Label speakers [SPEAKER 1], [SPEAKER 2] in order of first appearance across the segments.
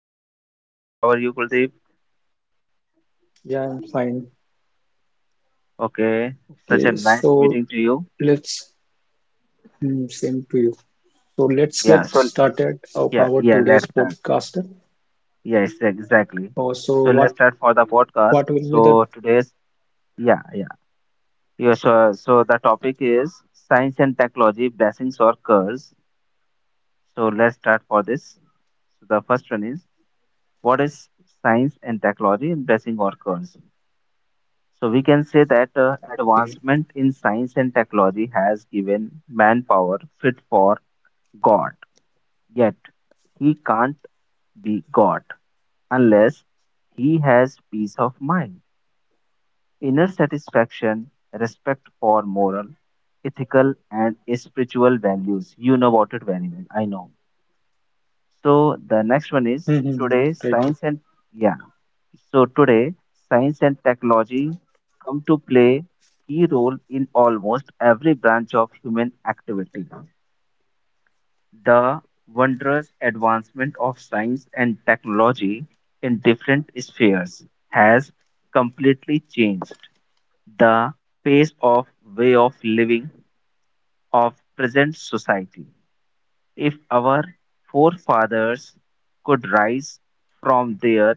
[SPEAKER 1] I'm good, Kuldeep. How are you, Kuldeep?
[SPEAKER 2] Yeah, I'm fine.
[SPEAKER 1] Okay, such a
[SPEAKER 2] Okay,
[SPEAKER 1] nice
[SPEAKER 2] so
[SPEAKER 1] meeting to you.
[SPEAKER 2] let's Same to you. So let's
[SPEAKER 1] Yeah,
[SPEAKER 2] get
[SPEAKER 1] so
[SPEAKER 2] started of
[SPEAKER 1] yeah,
[SPEAKER 2] our
[SPEAKER 1] yeah, let's
[SPEAKER 2] today's
[SPEAKER 1] start.
[SPEAKER 2] podcast.
[SPEAKER 1] Yes, exactly.
[SPEAKER 2] Oh,
[SPEAKER 1] So
[SPEAKER 2] so
[SPEAKER 1] let's start for the podcast.
[SPEAKER 2] what will be
[SPEAKER 1] So
[SPEAKER 2] the
[SPEAKER 1] today's yeah, yeah. So the topic is science and technology, blessings or curse. So let's start for this. So the first one is what is science and technology and blessing or curse? So we can say that
[SPEAKER 2] okay.
[SPEAKER 1] advancement in science and technology has given manpower fit for God, yet he can't be God unless he has peace of mind, inner satisfaction, respect for moral, ethical, and spiritual values. You know about it very well, I know. So the
[SPEAKER 2] hmm
[SPEAKER 1] next
[SPEAKER 2] hmm,
[SPEAKER 1] one
[SPEAKER 2] hmm.
[SPEAKER 1] is
[SPEAKER 2] Right. right.
[SPEAKER 1] today science and yeah. So today science and technology come to play key role in almost every branch of human activity. The wondrous advancement of science and technology in different spheres has completely changed the pace of way of living of present society. If our forefathers could rise from their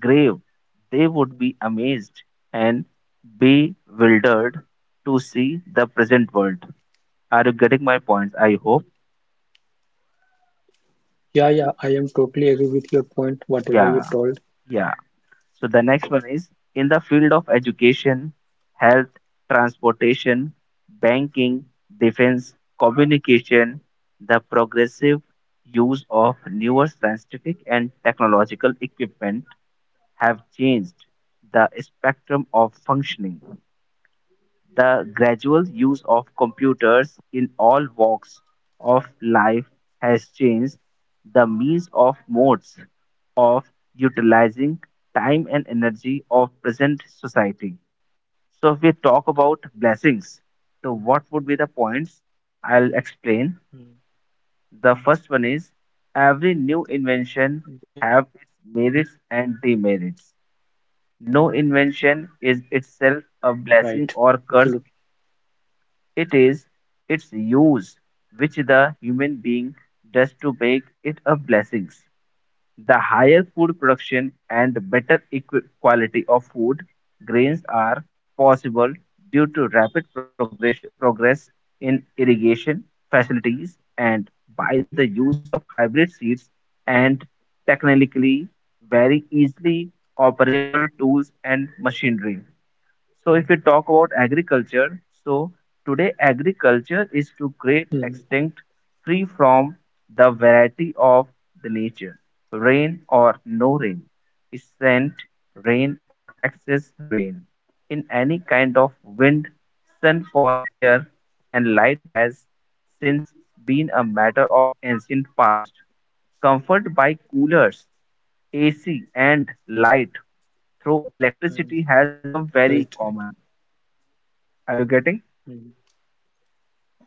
[SPEAKER 1] grave,
[SPEAKER 2] Mm.
[SPEAKER 1] they would be amazed and bewildered to see the present world. Are you getting my points? I hope.
[SPEAKER 2] Yeah, yeah, I am totally agree with your point, whatever
[SPEAKER 1] Yeah,
[SPEAKER 2] you told.
[SPEAKER 1] yeah. So the next one is in the field of education, health, transportation, banking, defense, communication, the progressive use of newer scientific and technological equipment have changed the spectrum of functioning. The gradual use of computers in all walks of life has changed the means of modes of utilizing time and energy of present society. So if we talk about blessings, so what would be the points? I'll
[SPEAKER 2] Mm.
[SPEAKER 1] explain. The first one is every new
[SPEAKER 2] Right.
[SPEAKER 1] invention
[SPEAKER 2] Mm,
[SPEAKER 1] have its merits and demerits. No invention is
[SPEAKER 2] Right.
[SPEAKER 1] itself a
[SPEAKER 2] Absolutely.
[SPEAKER 1] blessing or curse. It is its use which the human being does to make it a blessing. The higher food production and better quality of food grains are possible due to rapid progress in irrigation facilities and by the use of hybrid seeds and technically very easily operable tools and machinery. So if we talk about agriculture, so today agriculture is
[SPEAKER 2] Mm.
[SPEAKER 1] to great extent free from the variety of the nature, rain or no rain, scent rain or excess rain, in any kind of wind, sun for air, and light has since been a matter of ancient past, comfort by coolers, AC, and light through
[SPEAKER 2] Mm.
[SPEAKER 1] electricity has become very
[SPEAKER 2] Right, right.
[SPEAKER 1] common. Are you getting?
[SPEAKER 2] Mm.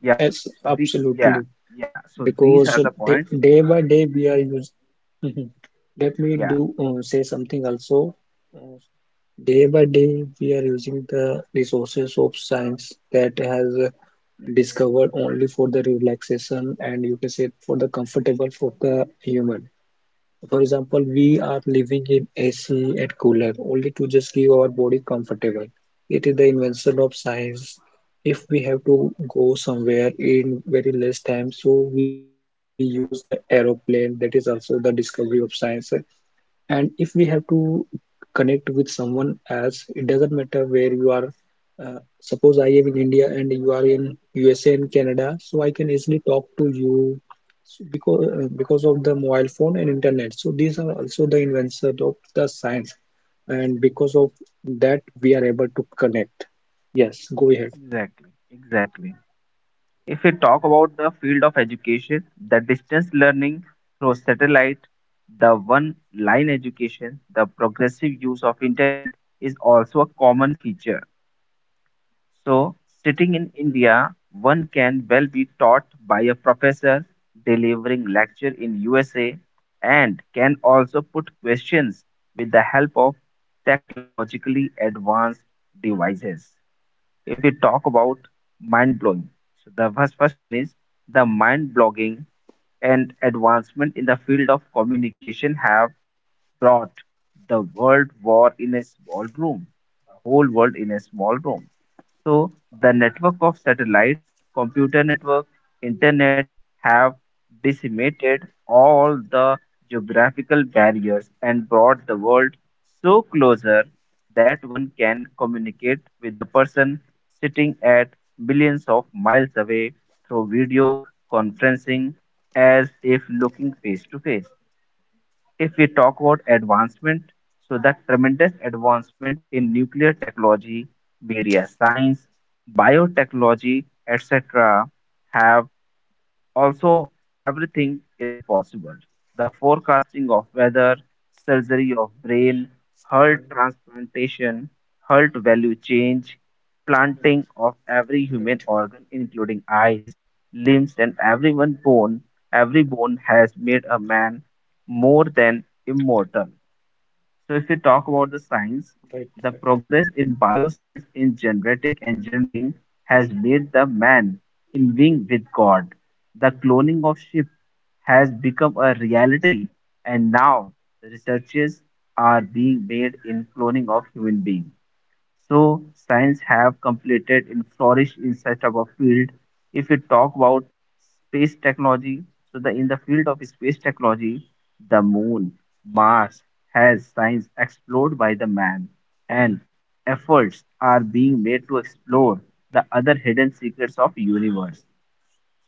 [SPEAKER 1] Yeah. So
[SPEAKER 2] Yes,
[SPEAKER 1] the yeah
[SPEAKER 2] absolutely.
[SPEAKER 1] yeah. So these are the
[SPEAKER 2] because
[SPEAKER 1] points.
[SPEAKER 2] day by day we are using let
[SPEAKER 1] Yeah.
[SPEAKER 2] me do say something also. Uh, Day by day we are using the resources of science that has discovered only for the relaxation and you can say for the comfortable for the human. For example, we are living in AC and cooler only to just give our body comfortable. It is the invention of science. If we have to go somewhere in very less time, so we use the aeroplane. That is also the discovery of science. And if we have to connect with someone else, it doesn't matter where you are. Suppose I am in India and you are in USA and Canada, so I can easily talk to you, so because of the mobile phone and internet, so these are also the inventions of the science, and because of that we are able to connect. Yes, go ahead.
[SPEAKER 1] Exactly. Exactly. If we talk about the field of education, the distance learning through satellite, the one-line education, the progressive use of internet is also a common feature. So, sitting in
[SPEAKER 2] Mm,
[SPEAKER 1] India, one can well be taught by a professor delivering lecture in USA and can also put questions with the help of technologically advanced devices. If we talk about mind blowing, so the first one is the mind blogging and advancement in the field of communication have brought the world war in a small room, the whole world in a small room. So the network of satellites, computer network, internet have decimated all the geographical barriers and brought the world so closer that one can communicate with the person sitting at billions of miles away through video conferencing as if looking face to face. If we talk about advancement, so that tremendous advancement in nuclear technology, media science, biotechnology, etc., have also, everything is possible. The forecasting of weather, surgery of brain, heart
[SPEAKER 2] mm,
[SPEAKER 1] transplantation, heart value change, planting of
[SPEAKER 2] mm.
[SPEAKER 1] every human organ,
[SPEAKER 2] right
[SPEAKER 1] including eyes, limbs, and every one bone, every bone has made a man more than immortal. So if we talk about the science, the
[SPEAKER 2] right
[SPEAKER 1] progress
[SPEAKER 2] right
[SPEAKER 1] in bioscience in genetic engineering has made the man in being with God. The cloning of sheep has become a reality, and now researches are being made in cloning of human beings. So science have completed and flourished in such a field. If we talk about space technology, so the in the field of space technology, the moon, Mars has science explored by the man, and efforts are being made to explore the other hidden secrets of universe.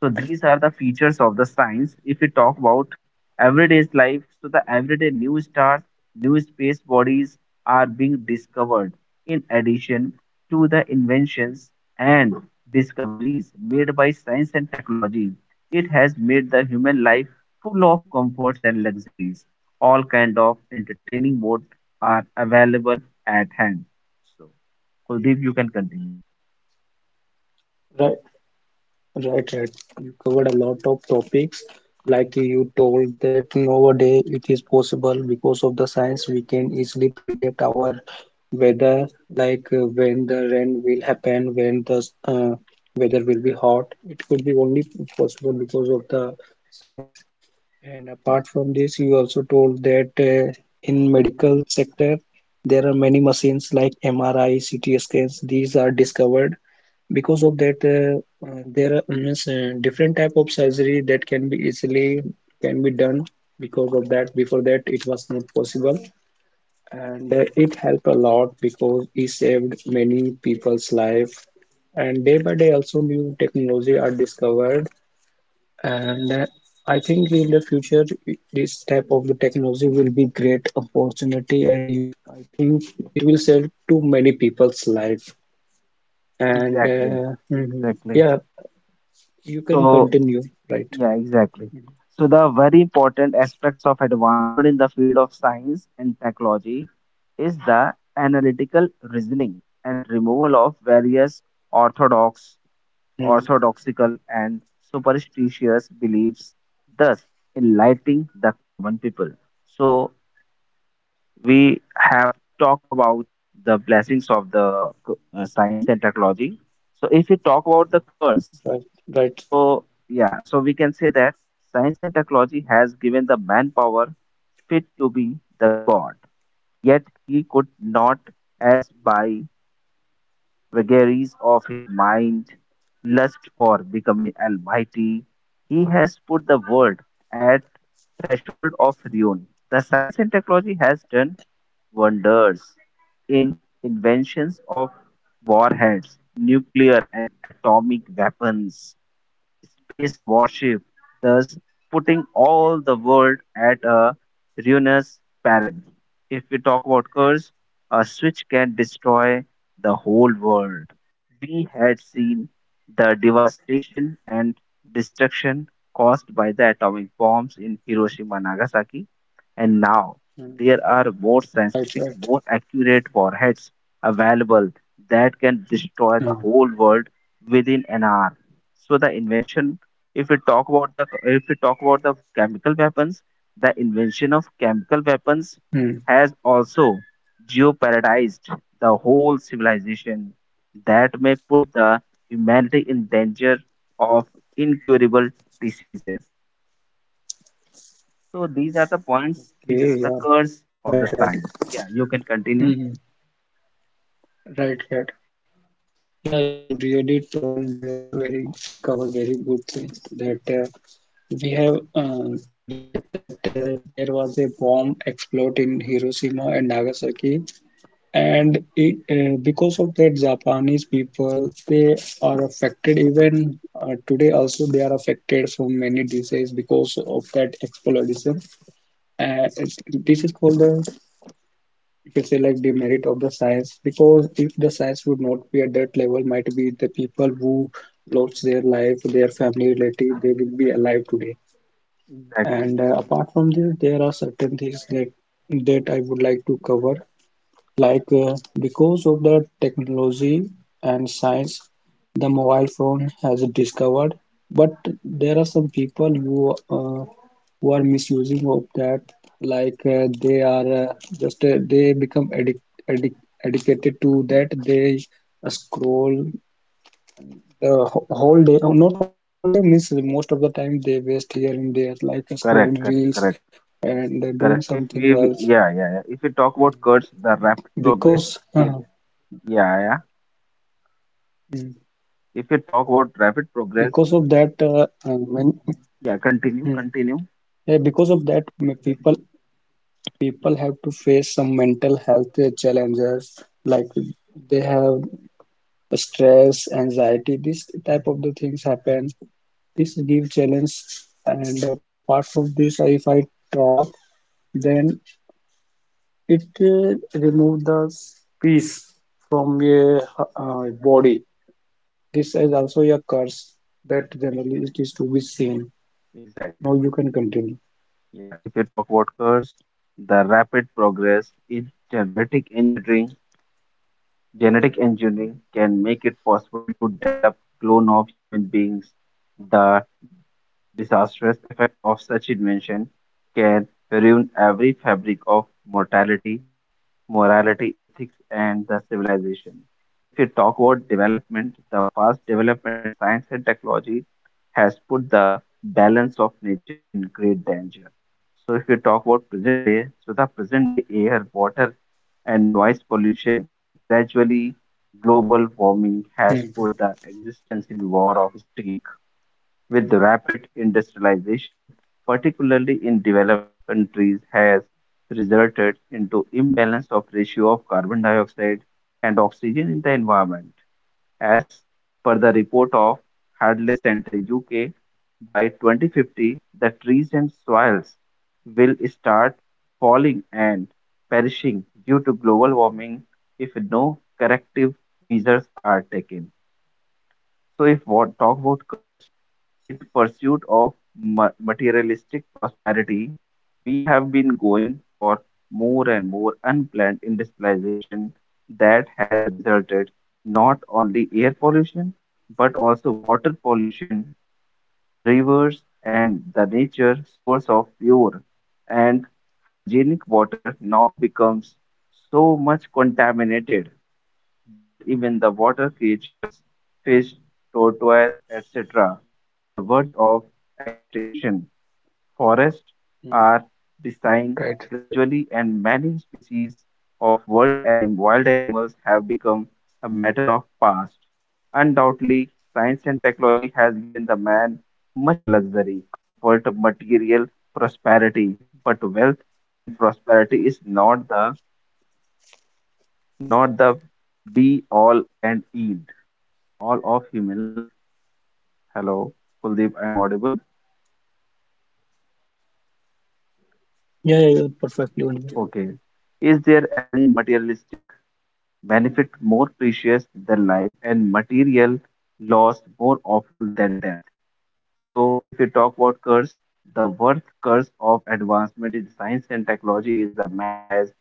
[SPEAKER 1] So these are the features of the science. If we talk about everyday life, so the everyday new stars, new space bodies are being discovered in addition to the inventions and discoveries made by science and technology. It has made the human life full of comforts and luxuries. All kind of entertaining mode are available at hand. So, Kuldeep, you can continue.
[SPEAKER 2] right Right, right. You covered a lot of topics. Like you told that nowadays it is possible because of the science we can easily predict our weather, like when the rain will happen, when the weather will be hot. It could be only possible because of the science. And apart from this, you also told that in medical sector there are many machines like MRI, CT scans. These are discovered because of that. There are means, different type of surgery that can be easily can be done because of that. Before that it was not possible, and it helped a lot because it saved many people's life. And day by day also new technology are discovered. And I think in the future this type of the technology will be great opportunity and I think it will save to many people's life. And
[SPEAKER 1] Exactly.
[SPEAKER 2] mhm.
[SPEAKER 1] Exactly.
[SPEAKER 2] Yeah, you can
[SPEAKER 1] So,
[SPEAKER 2] continue. Right.
[SPEAKER 1] Yeah, exactly. So the very important aspects of advancement in the field of science and technology is the analytical reasoning and removal of various orthodox,
[SPEAKER 2] Mm,
[SPEAKER 1] orthodoxical and superstitious beliefs, thus enlightening the common people. So we have talked about the blessings of the science and technology. So if you talk about the curse,
[SPEAKER 2] right, right, sir.
[SPEAKER 1] so, yeah, so we can say that science and technology has given the manpower fit to be the god, yet he could not, as by vagaries of his mind, lust for becoming almighty, he has put the world at threshold of ruin. The science and technology has done wonders in inventions of warheads, nuclear and atomic weapons, space warship, thus putting all the world at a ruinous peril. If we talk about curse, a switch can destroy the whole world. We had seen the devastation and destruction caused by the atomic bombs in Hiroshima and Nagasaki, and now
[SPEAKER 2] Mm,
[SPEAKER 1] there are more
[SPEAKER 2] right, right.
[SPEAKER 1] scientific, more accurate warheads available that can destroy the
[SPEAKER 2] Mm,
[SPEAKER 1] whole world within an hour. So the invention, if we talk about the if we talk about the chemical weapons, the invention of chemical weapons
[SPEAKER 2] mm.
[SPEAKER 1] has also geoparadized the whole civilization that may put the humanity in danger of incurable diseases. So these are the points which are the
[SPEAKER 2] Okay. Yeah,
[SPEAKER 1] curse
[SPEAKER 2] right, right.
[SPEAKER 1] of the science. Yeah, you can
[SPEAKER 2] Mm,
[SPEAKER 1] continue.
[SPEAKER 2] right, right. Yeah, you really told very and covered very good things that we have read that there was a bomb explode in Hiroshima and Nagasaki, and because of that japanese people, they are affected. Even today also they are affected from many diseases because of that exploration. This is called the, you can say, like the merit of the science, because if the science would not be at that level, might be the people who lost their life, their family relative, they will be alive today. And
[SPEAKER 1] Exactly.
[SPEAKER 2] Apart from this, there are certain things that I would like to cover. Like because of the technology and science, the mobile phone has discovered. But there are some people who are misusing of that. Like they are just they become addic addic addicted to that. They scroll whole day. Oh, not whole day, means most of the time they waste here and there, like scrolling
[SPEAKER 1] Correct,
[SPEAKER 2] reels
[SPEAKER 1] correct, correct.
[SPEAKER 2] and doing something
[SPEAKER 1] Correct. If
[SPEAKER 2] else.
[SPEAKER 1] we yeah, yeah, yeah. If we talk about curse, the rapid
[SPEAKER 2] Because
[SPEAKER 1] progress. It yeah, yeah.
[SPEAKER 2] Mm.
[SPEAKER 1] If you talk about rapid
[SPEAKER 2] because
[SPEAKER 1] progress,
[SPEAKER 2] of that when
[SPEAKER 1] yeah,
[SPEAKER 2] Mm.
[SPEAKER 1] continue.
[SPEAKER 2] yeah, because of that people have to face some mental health challenges. Like they have stress anxiety, this type of the things happen, this give challenge. And apart from this, if I talk, then it remove the peace from your body. This is also a curse that generally it is to be seen.
[SPEAKER 1] Exactly.
[SPEAKER 2] Now you can continue.
[SPEAKER 1] Yeah, if you talk about curse, the rapid progress in genetic engineering can make it possible to develop clone of human beings. The disastrous effect of such invention can ruin every fabric of mortality morality, ethics, and the civilization. If we talk about development, the fast development in science and technology has put the balance of nature in great danger. So, if we talk about present day, so the present day air, water, and noise pollution, the gradually global warming has put the existence in war of steel with rapid industrialization, particularly in developed countries, has resulted into imbalance of ratio of carbon dioxide and oxygen in the environment. As per the report of Hadley Center UK, by 2050, the trees and soils will start falling and perishing due to global warming if no corrective measures are taken. So if what talk about curse, in pursuit of materialistic prosperity, we have been going for more and more unplanned industrialization that has resulted not only air pollution but also water pollution, rivers, and the nature source of pure and hygienic water now becomes so much contaminated that even the water creatures, fish, tortoise, etc., are the verge of extinction. Forests are
[SPEAKER 2] Mm.
[SPEAKER 1] decaying gradually,
[SPEAKER 2] Right.
[SPEAKER 1] and many species of world and wild animals have become a matter of past. Undoubtedly, science and technology has given the man much luxury, comfort, material prosperity, but wealth and prosperity is not the be all and end all of human life. Hello, Kuldeep, I am audible.
[SPEAKER 2] Yeah, yeah, you're perfectly audible.
[SPEAKER 1] Okay. Is there any materialistic benefit more precious than life and material loss more awful than death? So, if we talk about curse, the worst curse of advancement in science and technology is the man has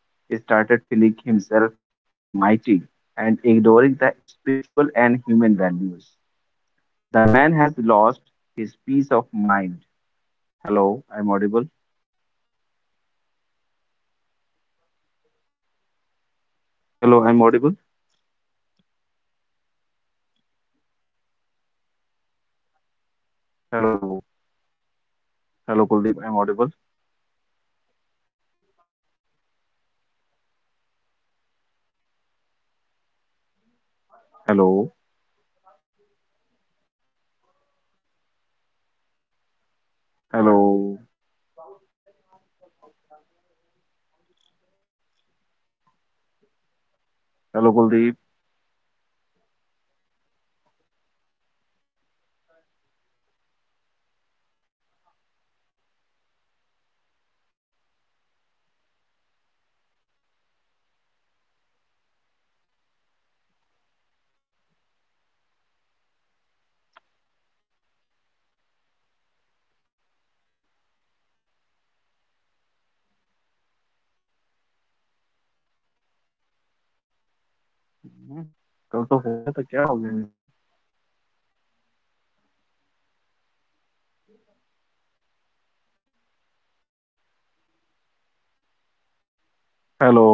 [SPEAKER 1] started feeling himself almighty and ignoring the spiritual and human values. The man has lost his peace of mind. Hello, I'm audible. Hello, I'm audible. Hello hello Kuldeep I'm audible hello hello hello Kuldeep कर तो हो जया तो क्या हो गया है इसको hello